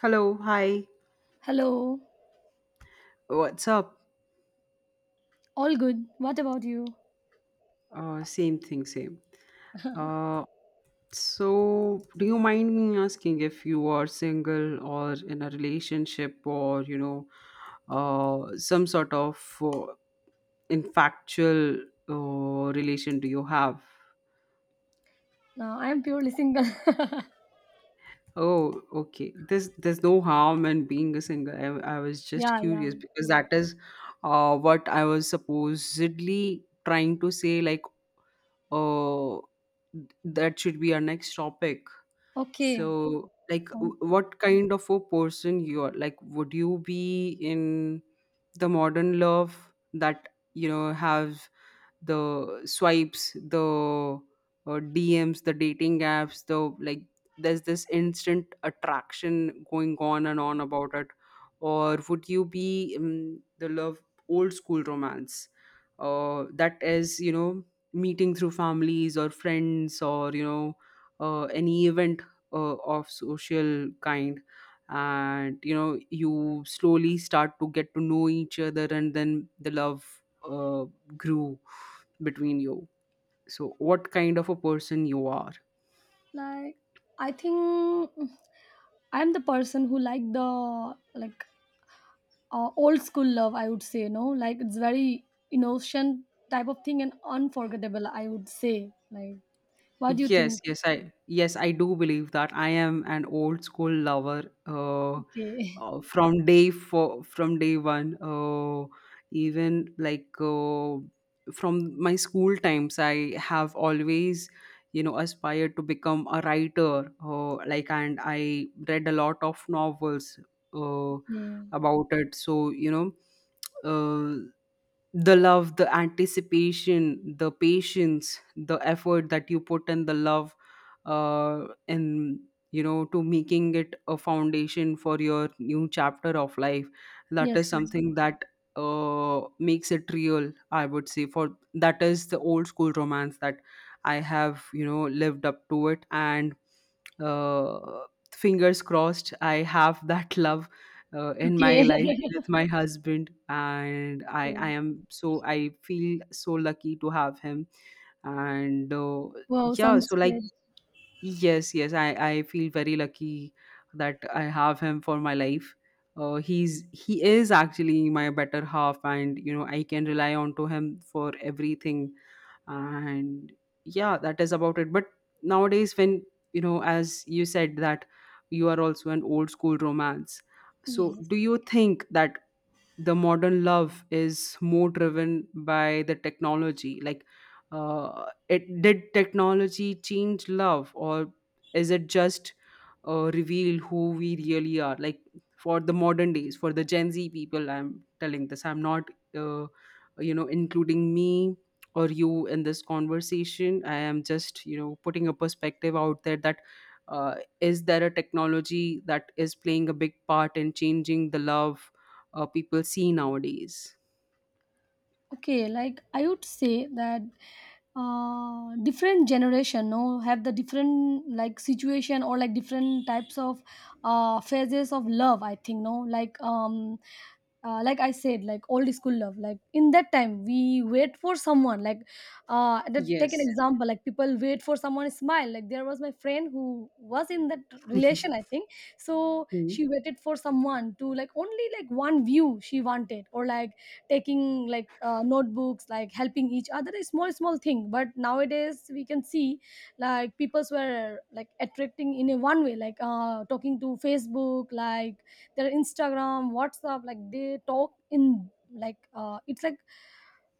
Hello, hi, Hello. what's up? All good. What about you? Same thing, same. Uh, so, do you mind me asking if you are single or in a relationship , or some sort of uh, infactual relation do you have? No, I am purely single. Oh, okay. There's no harm in being a single. I was just Yeah, curious yeah. because that is what I was supposedly trying to say. Like, uh, that should be our next topic. Okay. So, like, Sound what kind of a person you are? Like, would you be in the modern love that have the swipes, the DMs, the dating apps, the, like, there's this instant attraction going on and on about it? Or would you be, the love, old school romance, that is, you know, meeting through families or friends or, you know, any event, of social kind, and, you know, you slowly start to get to know each other, and then the love grew between you. So what kind of a person you are? like I think I am the person who like old school love. I would say no, like it's very innocent type of thing and unforgettable. I would say like, what do you yes think? yes i yes I do believe that I am an old school lover, uh, Okay. From day for from day one, even like, from my school times, I have always, you know, aspired to become a writer, like, and I read a lot of novels uh, Yeah. about it. So, you know, uh, the love, the anticipation, the patience, the effort that you put in the love, in, you know, to making it a foundation for your new chapter of life, that Yes, is yes. something that makes it real, I would say. For that is the old school romance that I have, you know, lived up to it. And uh fingers crossed, I have that love in my Okay. life with my husband, and I Okay. am so, I feel so lucky to have him. And Wow. yeah, so Sounds like, great. yes, yes, I feel very lucky that I have him for my life. Uh, he's he is actually my better half, and you know, I can rely on to him for everything. And yeah, that is about it. But nowadays, when, you know, as you said that you are also an old school romance, so Yes. do you think that the modern love is more driven by the technology? Like it, did technology change love, or is it just reveal who we really are? Like, for the modern days, for the Gen Z people, I'm telling this, I'm not uh, you know, including me or you in this conversation. I am just, you know, putting a perspective out there that, uh, is there a technology that is playing a big part in changing the love people see nowadays? Okay, like I would say that different generation no have the different like situation or like different types of phases of love, I think. No, like like I said, like old school love, like in that time we wait for someone, like take an Yes. example, like people wait for someone to smile, like there was my friend who was in that relation, I think. So Hmm. she waited for someone to like only like one view she wanted, or like taking like notebooks, like helping each other is small small thing, but nowadays we can see like peoples were like attracting in a one way, like talking to facebook, like their instagram whatsapp, like they talk in like it's like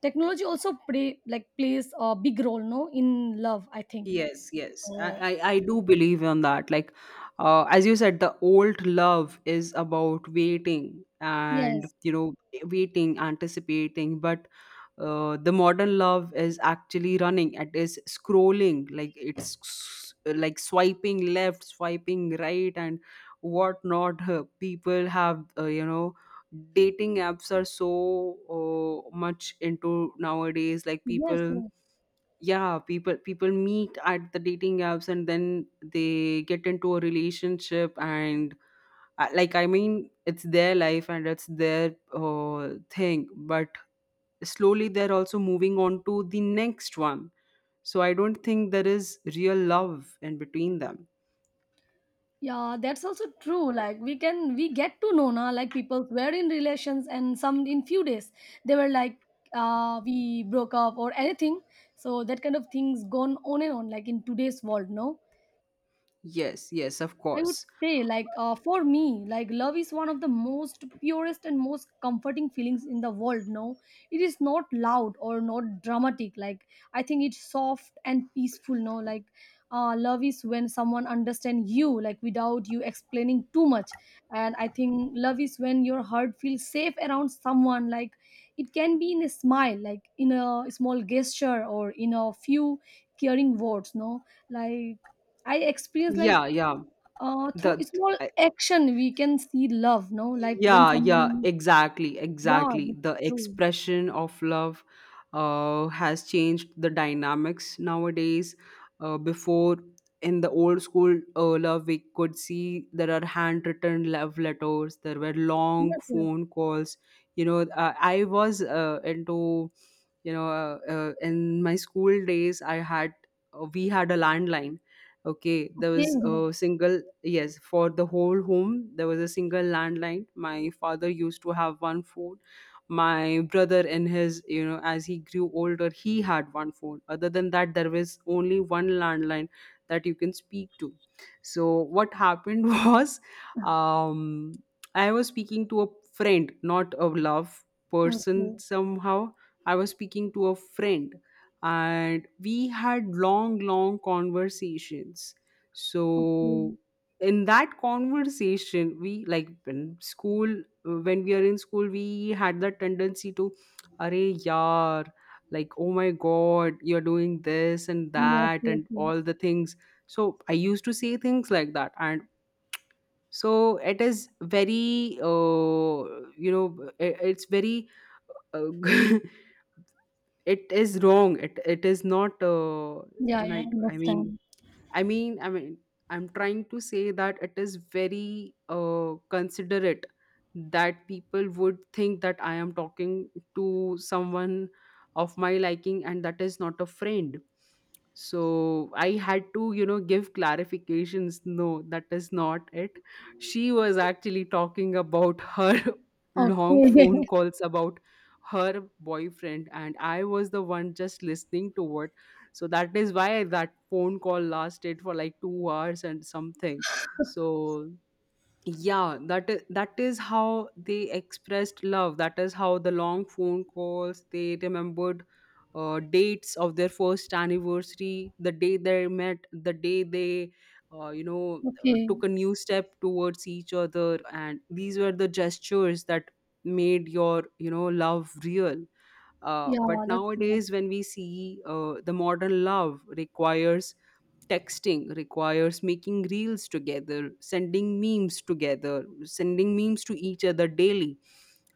technology also plays a big role no in love, I think. Yes, yes. I, Oh, I, I do believe on that. Like, as you said, the old love is about waiting yes, and, you know, waiting, anticipating. But the modern love is actually running. It is scrolling, like it's like swiping left, swiping right, and whatnot. People have, you know, dating apps are so much into nowadays. Like yes, people, yes. yeah, people meet at the dating apps and then they get into a relationship. And like, I mean, it's their life and it's their thing, but slowly they're also moving on to the next one. So I don't think there is real love in between them. Yeah, that's also true. Like we get to know now, like people were in relations and some in few days they were like we broke up or anything. So that kind of things gone on and on like in today's world, no? Yes, yes, of I would course. say, like, for me, like, love is one of the most purest and most comforting feelings in the world. No, it is not loud or not dramatic. Like, I think it's soft and peaceful. No, like, love is when someone understands you, like, without you explaining too much. And I think love is when your heart feels safe around someone. Like, it can be in a smile, like, in a small gesture or in a few caring words. No, like, I experienced like Yeah, yeah. Through the small action, we can see love, no? Like when yeah yeah someone, exactly, yeah, exactly, that's the true. expression of love has changed the dynamics nowadays. Before, in the old school love, we could see there are handwritten love letters, there were Yes, long yes. phone calls, you know. I was into, you know, in my school days, I had, we had a landline. Okay, there Okay. was a single. Yes, for the whole home, there was a single landline. My father used to have one phone. My brother, in his, you know, as he grew older, he had one phone. Other than that, there was only one landline that you can speak to. So, what happened was, um, I was speaking to a friend, not a love person Okay. somehow. I was speaking to a friend, and we had long, long conversations. Okay. So, in that conversation, we, like, in school, when we are in school, we had that tendency to, "Arey yaar, like, oh my god, you're doing this and Yes, that yes, and yes. all the things." So I used to say things like that. And so, it is very, you know, it's very, uh, it is wrong, it is not Yeah, yeah, right. I mean, understand. I mean, I'm trying to say that it is very considerate that people would think that I am talking to someone of my liking and that is not a friend. So I had to, you know, give clarifications. No, that is not it. She was actually talking about her long Okay. phone calls about her boyfriend, and I was the one just listening to what. So that is why that phone call lasted for like 2 hours and something. So yeah, that is how they expressed love, that is how the long phone calls, they remembered dates of their first anniversary, the day they met, the day they you know, Okay. took a new step towards each other. And these were the gestures that made your, you know, love real. Yeah, But that's true. nowadays, when we see, the modern love requires texting, requires making reels together, sending memes to each other daily.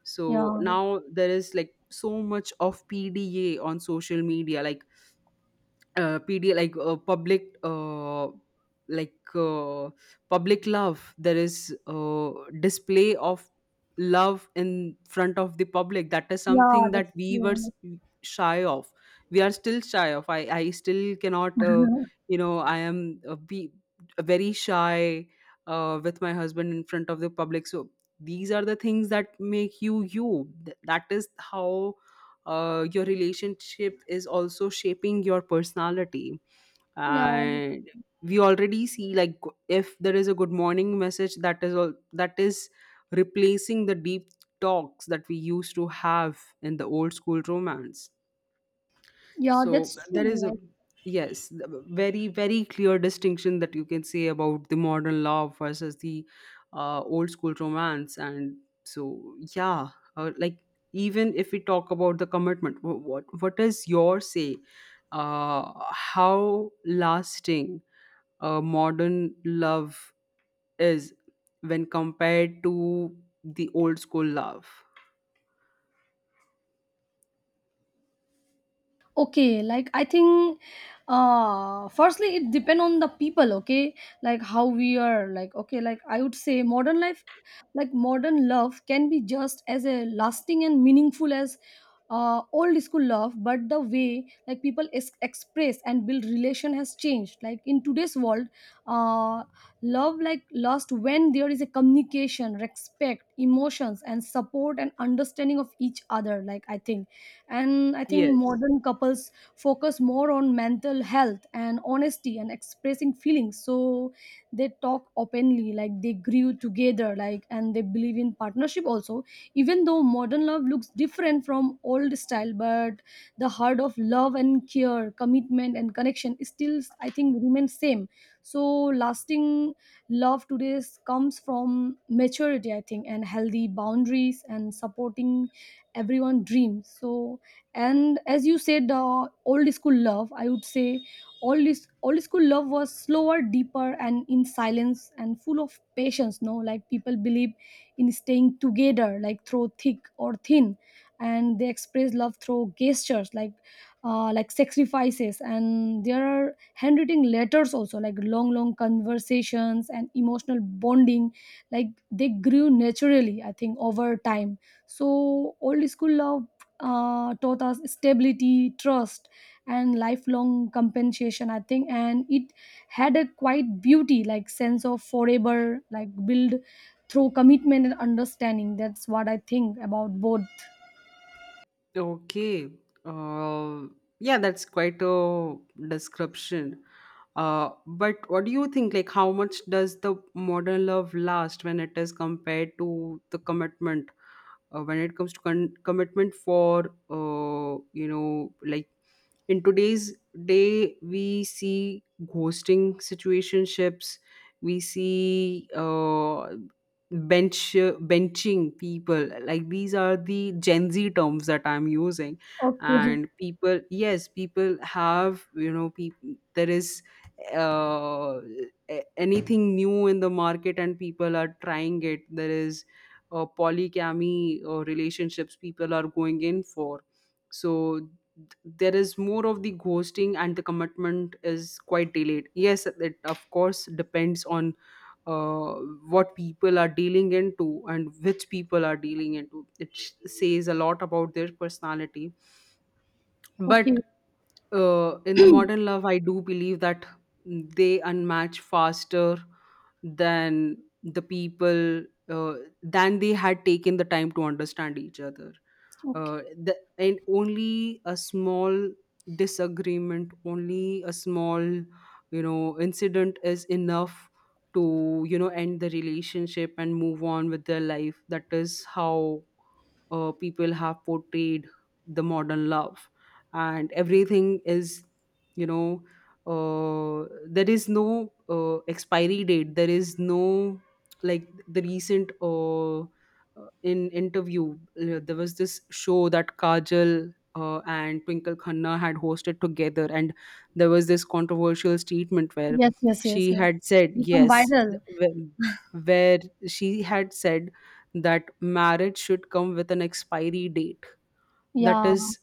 So Yeah. now there is, like, so much of PDA on social media, like uh, PD like uh, public uh, like uh, public love. There is display of love in front of the public. That is Yeah, something that's that we were true. shy of. We are still shy of. I still cannot. You know, I am be very shy with my husband in front of the public. So these are the things that make you, you. That is how your relationship is also shaping your personality. Yeah, And we already see, like, if there is a good morning message, that is all, that is replacing the deep talks that we used to have in the old school romance. yeah, So that's there is true. a, Like yes, a very, very clear distinction that you can say about the modern love versus the old school romance. And so yeah, like, even if we talk about the commitment, what is your say? How lasting modern love is when compared to the old school love? okay, like I think firstly it depend on the people, okay, like how we are, like okay, like I would say modern life like modern love can be just as a lasting and meaningful as old school love, but the way like people express and build relation has changed like in today's world. Uh, love like lost when there is a communication, respect, emotions and support and understanding of each other, like I think. And I think Yes. modern couples focus more on mental health and honesty and expressing feelings, so they talk openly, like they grew together, like, and they believe in partnership also. Even though modern love looks different from old style, but the heart of love and care, commitment and connection is still I think remains same. So lasting love today comes from maturity, I think, and healthy boundaries and supporting everyone dreams. So and as you said old school love, I would say old school love was slower, deeper and in silence and full of patience, no. Like people believe in staying together like through thick or thin, and they express love through gestures like sacrifices, and there are handwritten letters also, like long long conversations and emotional bonding, like they grew naturally, I think, over time. So old school love taught us stability, trust, and lifelong compensation, I think. And it had a quite beauty, like sense of forever, like build through commitment and understanding. That's what I think about both. Okay. Uh, yeah, that's quite a description. But what do you think? Like, how much does the modern love last when it is compared to the commitment? When it comes to commitment, for, you know, like, in today's day, we see ghosting, situationships, we see, bench benching people, like, these are the Gen Z terms that I'm using. Okay. And people, yes, people have, you know, people, there is uh, anything new in the market and people are trying it. There is polygamy relationships people are going in for. So there is more of the ghosting and the commitment is quite delayed. Yes, it of course depends on uh, what people are dealing into, and which people are dealing into it says a lot about their personality. But Okay, in the modern love, I do believe that they unmatch faster than the people uh, than they had taken the time to understand each other. Okay. And only a small disagreement, only a small, you know, incident is enough to, you know, end the relationship and move on with their life. That is how people have portrayed the modern love. And everything is, you know, there is no expiry date. There is no, like, the recent, in interview, there was this show that Kajal and Twinkle Khanna had hosted together, and there was this controversial statement where Yes, yes, she yes, yes. had said, Become yes, viral. Where she had said that marriage should come with an expiry date. That Yeah. is,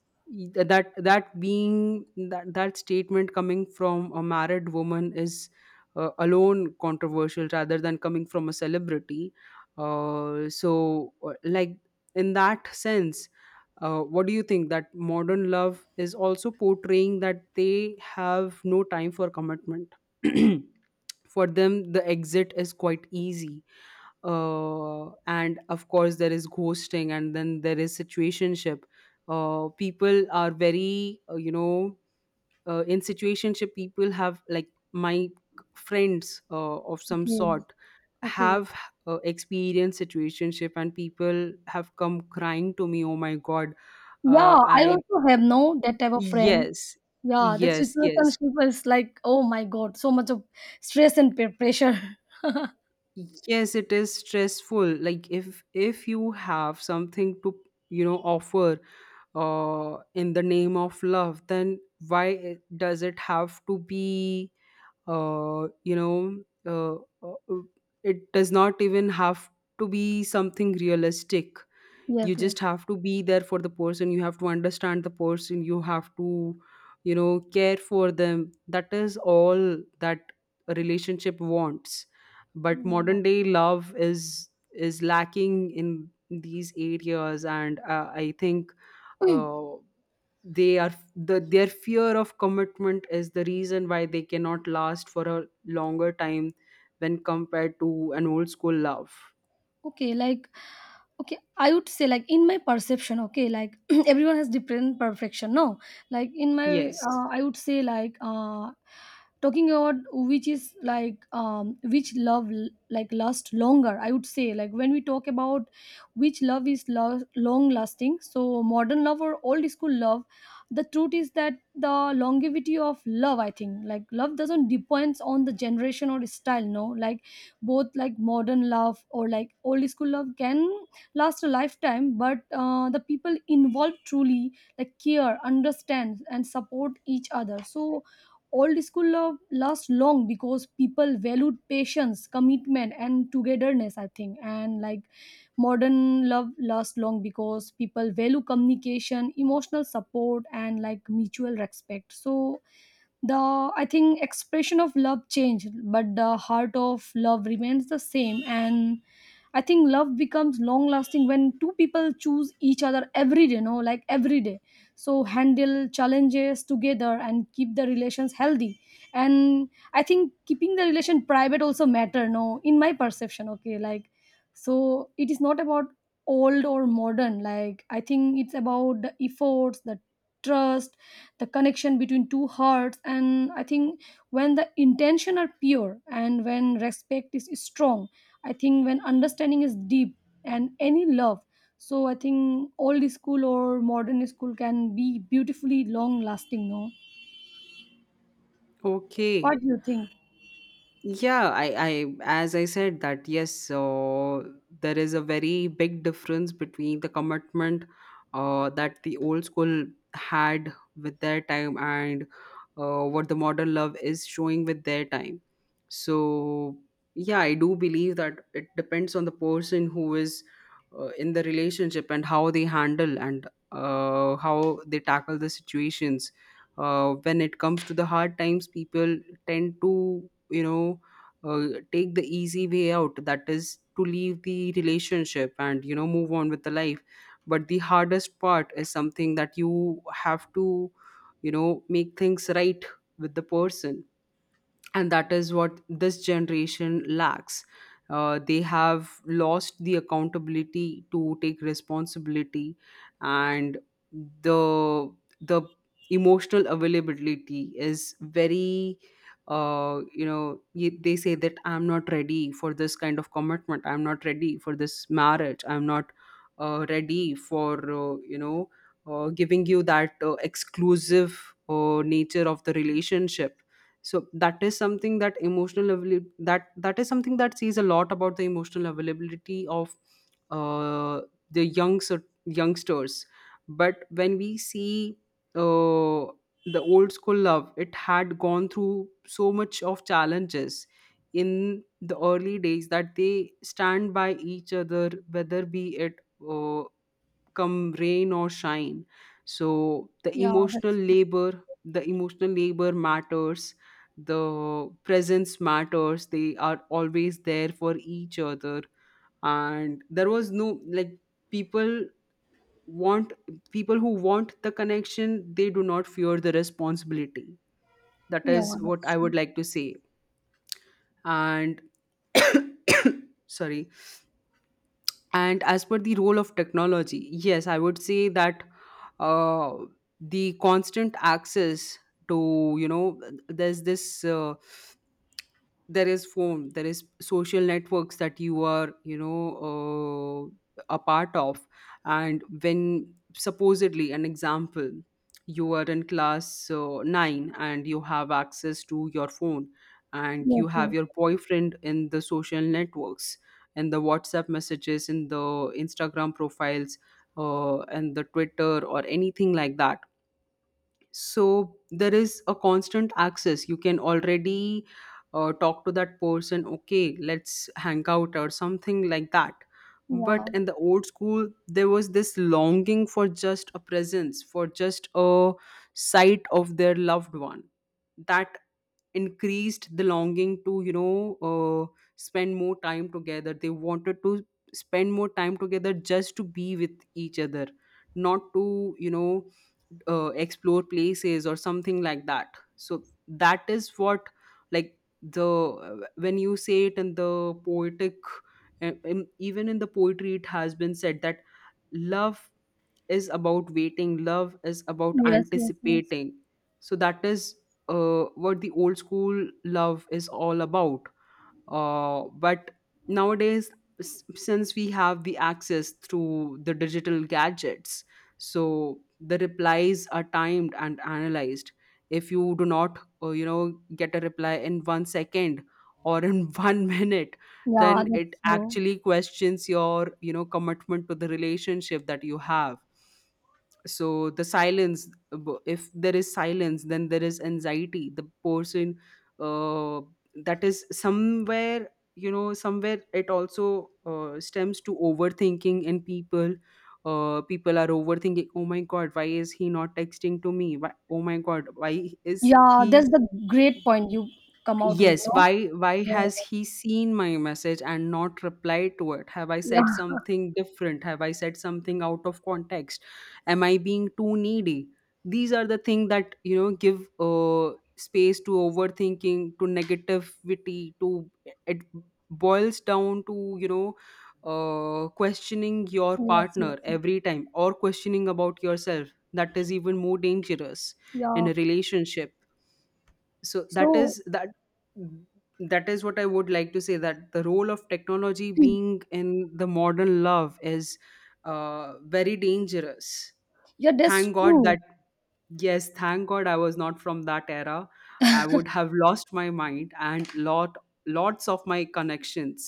that, that being, that that statement coming from a married woman is alone controversial rather than coming from a celebrity. So like, in that sense, what do you think that modern love is also portraying that they have no time for commitment? For them, the exit is quite easy. And of course, there is ghosting, and then there is situationship. People are very, in situationship, people have like my friends of some Okay. sort Okay. have experienced situationship, and people have come crying to me, "Oh my God, Yeah, uh, I I also have no that type of friend. yes, Yeah, that yes." situationship is like, oh my God, so much of stress and pressure. Yes, it is stressful. Like, if you have something to, you know, offer in the name of love, then why does it have to be uh you know uh, uh, uh, it does not even have to be something realistic. Yes, You yes. just have to be there for the person, you have to understand the person, you have to, you know, care for them. That is all that a relationship wants, but Yeah. modern day love is lacking in these areas, and I think uh, they are the their fear of commitment is the reason why they cannot last for a longer time when compared to an old school love. Okay, like okay, I would say like in my perception, okay, like everyone has different perfection, no. Like in my Yes. I would say like talking about which is like which love like last longer, I would say, like, when we talk about which love is long lasting, so modern love or old school love, the truth is that the longevity of love, I think, like love doesn't depends on the generation or style, no. Like both like modern love or like old school love can last a lifetime, but the people involved truly like care, understand and support each other. So old school love lasts long because people valued patience, commitment and togetherness, I think, and like modern love lasts long because people value communication, emotional support and like mutual respect. So the I think expression of love changed but the heart of love remains the same, and I think love becomes long lasting when two people choose each other every day, no, like every day. So handle challenges together and keep the relations healthy, and I think keeping the relation private also matter, no, in my perception, okay, like. So it is not about old or modern, like I think it's about the efforts, the trust, the connection between two hearts, and I think when the intention are pure and when respect is strong, I think when understanding is deep and any love. So I think old school or modern school can be beautifully long lasting, no. Okay. What do you think? Yeah, as I said, that yes, so there is a very big difference between the commitment that the old school had with their time and what the modern love is showing with their time. So, yeah, I do believe that it depends on the person who is in the relationship and how they handle and how they tackle the situations. When it comes to the hard times, people tend to, you know, take the easy way out, that is to leave the relationship and, you know, move on with the life. But the hardest part is something that you have to, you know, make things right with the person, and that is what this generation lacks. They have lost the accountability to take responsibility, and the the emotional availability is very they say that I'm not ready for this kind of commitment, I'm not ready for this marriage, I'm not ready for, giving you that exclusive nature of the relationship. So that is something that that is something that says a lot about the emotional availability of uh, the youngsters. But when we see uh, the old school love, it had gone through so much of challenges in the early days, that they stand by each other, whether be it uh, come rain or shine. So the Yeah, emotional that's true. labor, the emotional labor matters, the presence matters, they are always there for each other. And there was no, like, people want, people who want the connection, they do not fear the responsibility. That Yeah, is that's what I would true. like to say. And sorry. And as per the role of technology, yes, I would say that uh, the constant access to, you know, there's this. There is phone, there is social networks that you are, you know, a part of. And when, supposedly an example, you are in class 9, and you have access to your phone, and Yes, you have yes, your boyfriend in the social networks, in the WhatsApp messages, in the Instagram profiles, and the Twitter or anything like that. So there is a constant access, you can already talk to that person, okay, let's hang out or something like that. yeah, But in the old school, there was this longing for just a presence, for just a sight of their loved one, that increased the longing to, you know, spend more time together. They wanted to spend more time together just to be with each other, not to, you know, explore places or something like that. So that is what, like, the when you say it in the poetic, and even in the poetry, it has been said that love is about waiting, love is about yes, yes, yes. anticipating. So that is what the old school love is all about. Uh, but nowadays, since we have the access through the digital gadgets, so the replies are timed and analyzed. If you do not you know get a reply in 1 second or in 1 minute, Yeah, then that's it true. actually questions your, you know, commitment to the relationship that you have. So the silence, if there is silence, then there is anxiety. The person uh, that is somewhere, you know, somewhere it also stems to overthinking in people. Uh, people are overthinking, oh my god, why is he not texting to me, why, oh my god, why is Yeah, he. that's the great point you come out with, Yes, no. why Yeah, has he seen my message and not replied to it? Have I yeah, said something different? Have I said something out of context? Am I being too needy? These are the things that, you know, give space to overthinking, to negativity, to, it boils down to, you know, questioning your yes, yes, partner yes, every time or questioning about yourself. That is even more dangerous in yeah. a relationship. So that So is that, that is what I would like to say, that the role of technology being in the modern love is very dangerous. yeah, that's Thank god true. that, yes, thank god I was not from that era. I would have lost my mind and lots of my connections,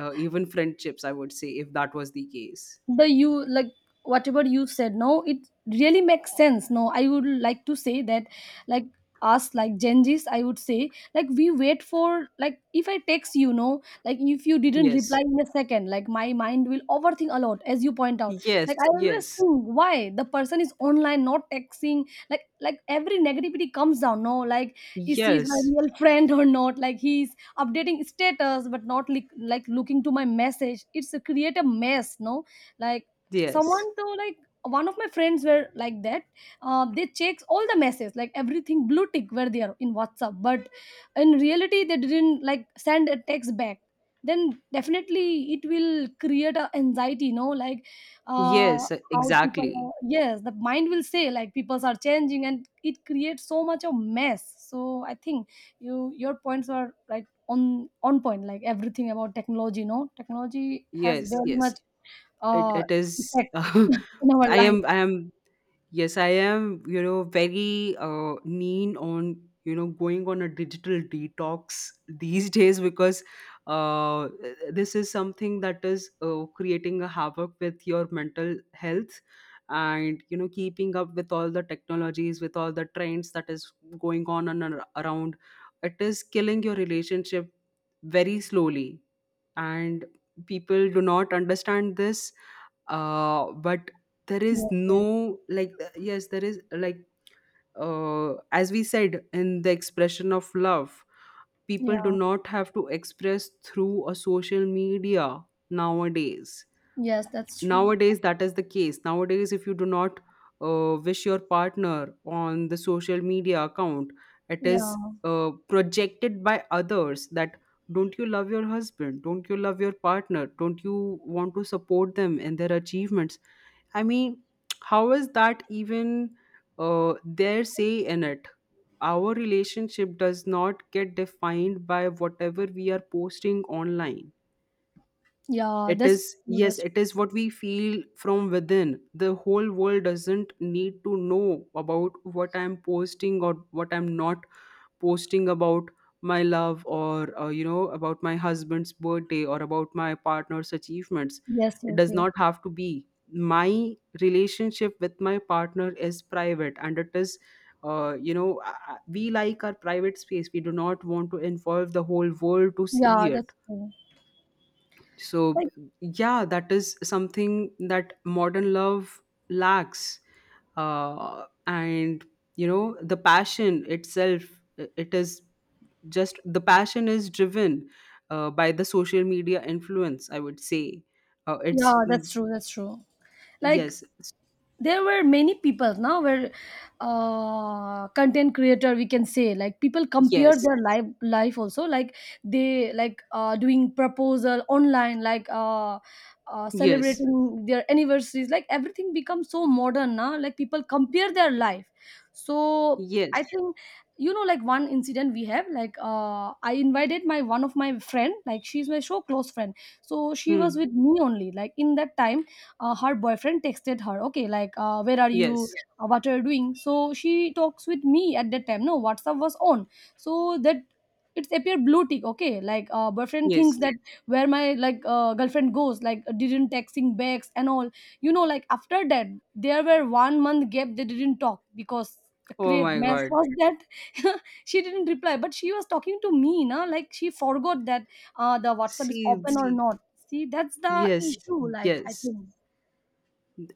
even friendships, I would say, if that was the case. The You like whatever you said, no, it really makes sense, no. I would like to say that, like us like gen z's, I would say, like, we wait for, like if I text, like if you didn't reply Yes, in a second, like my mind will overthink a lot as you point out. yes, Like I always yes. think why the person is online not texting, like every negativity comes down, no, like is he's my Yes, real friend or not, like he's updating status but not like looking to my message, it's a create a mess, no, like someone yes, though, like one of my friends were like that. Uh, they checks all the messages like everything blue tick where they are in whatsapp, but in reality they didn't like send a text back. Then definitely it will create a anxiety, like uh, yes. how people Exactly. are, yes, the mind will say like people are changing and it creates so much of mess. So I think your points are like on point, like everything about technology, no, technology has Yes, very yes. much It uh, it is. effect in our I am. life. I am. Yes, I am, you know, very mean on, you know, going on a digital detox these days because uh, this is something that is creating a havoc with your mental health, and, you know, keeping up with all the technologies, with all the trends, that is going on and around, it is killing your relationship very slowly. And people do not understand this. Uh, but there is Yes, yes, no, like, yes, there is, like, as we said in the expression of love, people do yeah, not have to express through a social media nowadays. yes, that's true. Nowadays that is the case. Nowadays if you do not wish your partner on the social media account, it Yeah, is projected by others that, don't you love your husband, don't you love your partner, don't you want to support them in their achievements. I mean, how is that even their say in it. Our relationship does not get defined by whatever we are posting online. yeah, It that's is, true. yes, That's true. it is what we feel from within. The whole world doesn't need to know about what I'm posting or what I'm not posting about my love or, you know, about my husband's birthday or about my partner's achievements. Yes, It yes, does yes. not have to be. My relationship with my partner is private, and it is. You know, we like our private space. We do not want to involve the whole world to Yeah, see it. that's true. So, Like, yeah, that is something that modern love lacks. Uh, and, you know, the passion itself, it is, just the passion is driven by the social media influence, I would say. Uh, yeah, it's that's true. That's true. Like, yes, there were many people now were, content creator we can say, like people compare yes, their life also, like they like doing proposal online, like yes. celebrating their anniversaries, like everything becomes so modern now, like people compare their life. So I Yes. think, you know, like one incident we have, like I invited my one of my friend, like she's my so close friend, so she was Hmm. with me only like in that time. Uh, her boyfriend texted her, okay, like where are you, Yes, yeah, what are you doing, so she talks with me at that time, no, whatsapp was on, so that it's appear blue tick, okay, like boyfriend thinks, yeah, yes. that where my like girlfriend goes, like didn't texting backs and all, you know, like after that there were 1 month gap they didn't talk because the Oh create my mess god. was that she didn't reply, but she was talking to me na, like she forgot that the whatsapp is See, open or see. not. See that's the Yes, issue, like I yes, think.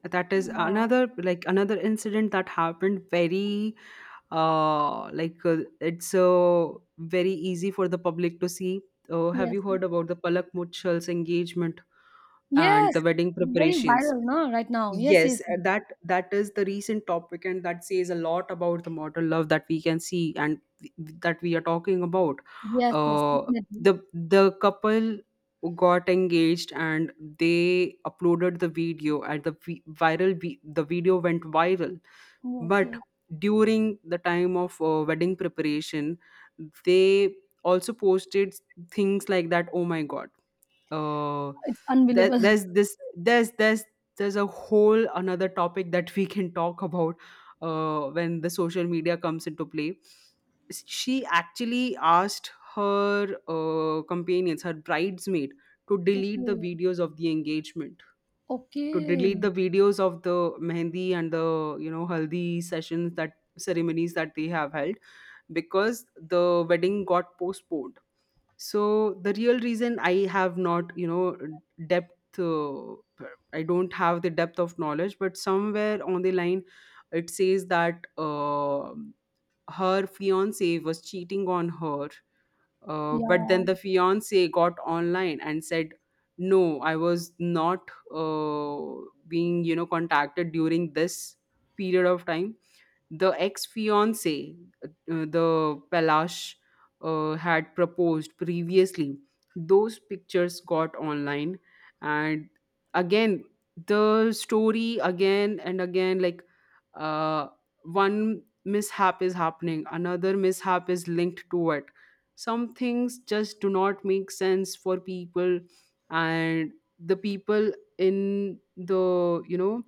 that is Uh, another, like, another incident that happened very like, it's very easy for the public to see. Uh, have yes, you heard about the Palak Mutchal's engagement and yes, the wedding very preparations? viral, no, right now. Yes, yes, Yes, that is the recent topic, and that says a lot about the modern love that we can see and that we are talking about. yes, yes, Uh, definitely. the couple got engaged, and they uploaded the video, and the viral the video went viral. Yes, But yes, during the time of wedding preparation, they also posted things like that. Oh my god! Oh, it's unbelievable. that there's this there's a whole another topic that we can talk about when the social media comes into play. She actually asked her companions, her bridesmaid, to delete the Okay, videos of the engagement, to okay, delete the videos of the mehendi and the, you know, haldi sessions, that ceremonies that they have held, because the wedding got postponed. So the real reason, I have not, you know, depth, I don't have the depth of knowledge, but somewhere on the line it says that her fiance was cheating on her. Uh, but yeah, then the fiance got online and said, "No, I was not being, you know, contacted during this period of time." The ex fiance, the Palash, had proposed previously. Those pictures got online, and again the story again and again, like, uh, one mishap is happening, another mishap is linked to it. Some things just do not make sense for people, and the people in the, you know,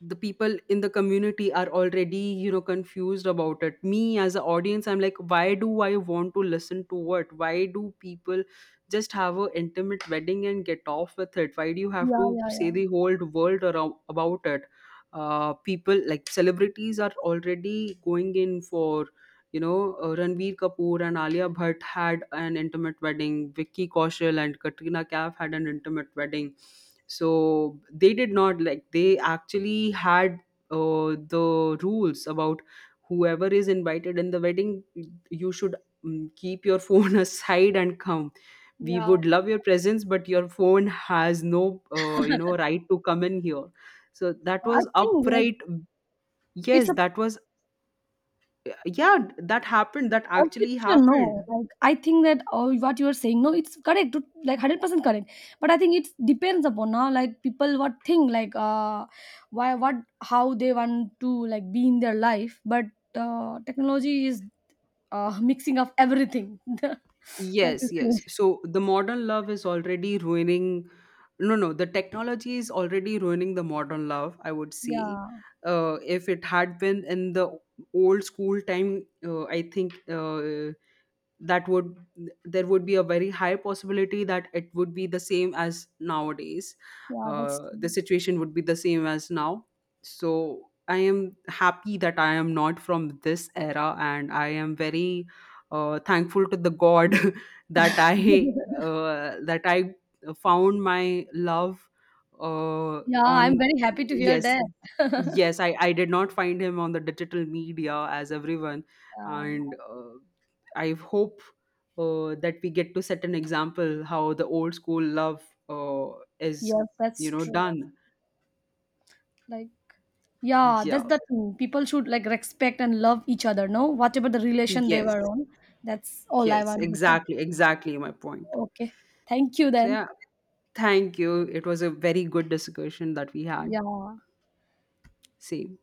the people in the community are already, you know, confused about it. Me as an audience, I'm like, why do I want to listen to, what, why do people just have a intimate wedding and get off with it, why do you have yeah, to yeah, say yeah, the whole world around about it. Uh, people like celebrities are already going in for, you know, Ranveer Kapoor and Alia Bhatt had an intimate wedding. Vicky Kaushal and Katrina Kaif had an intimate wedding. So they did not, like they actually had uh, the rules about whoever is invited in the wedding. You should, keep your phone aside and come. We yeah. would love your presence, but your phone has no, you know, right to come in here. So that I was think like upright. it's Yes, a that was, yeah, that happened, that actually perception, no. happened. Like I think that oh, what you are saying, no, it's correct, like 100% correct. But I think it depends upon now, like people what think, like why, what, how they want to like be in their life, but. Technology is mixing of everything. What to Yes, say? yes, so the modern love is already ruining, no no, the technology is already ruining the modern love, I would say. Yeah, Uh, if it had been in the old school time, I think, that would, there would be a very high possibility that it would be the same as nowadays. yeah, that's Uh, the true. situation would be the same as now. So I am happy that I am not from this era, and I am very thankful to the god that I that I found my love Yeah, I'm on, very happy to hear yes, that. yes, I did not find him on the digital media as everyone. Yeah, And I hope that we get to set an example how the old school love uh, is, yes, that's you know, true. done. Like, yeah, that's Yeah. the thing. People should like respect and love each other, no? Whatever the relation they Yes. were on. That's all I Yes. want to say. Exactly. Exactly my point. Okay, thank you So, then. yeah. Thank you. It was a very good discussion that we had. Yeah. Same.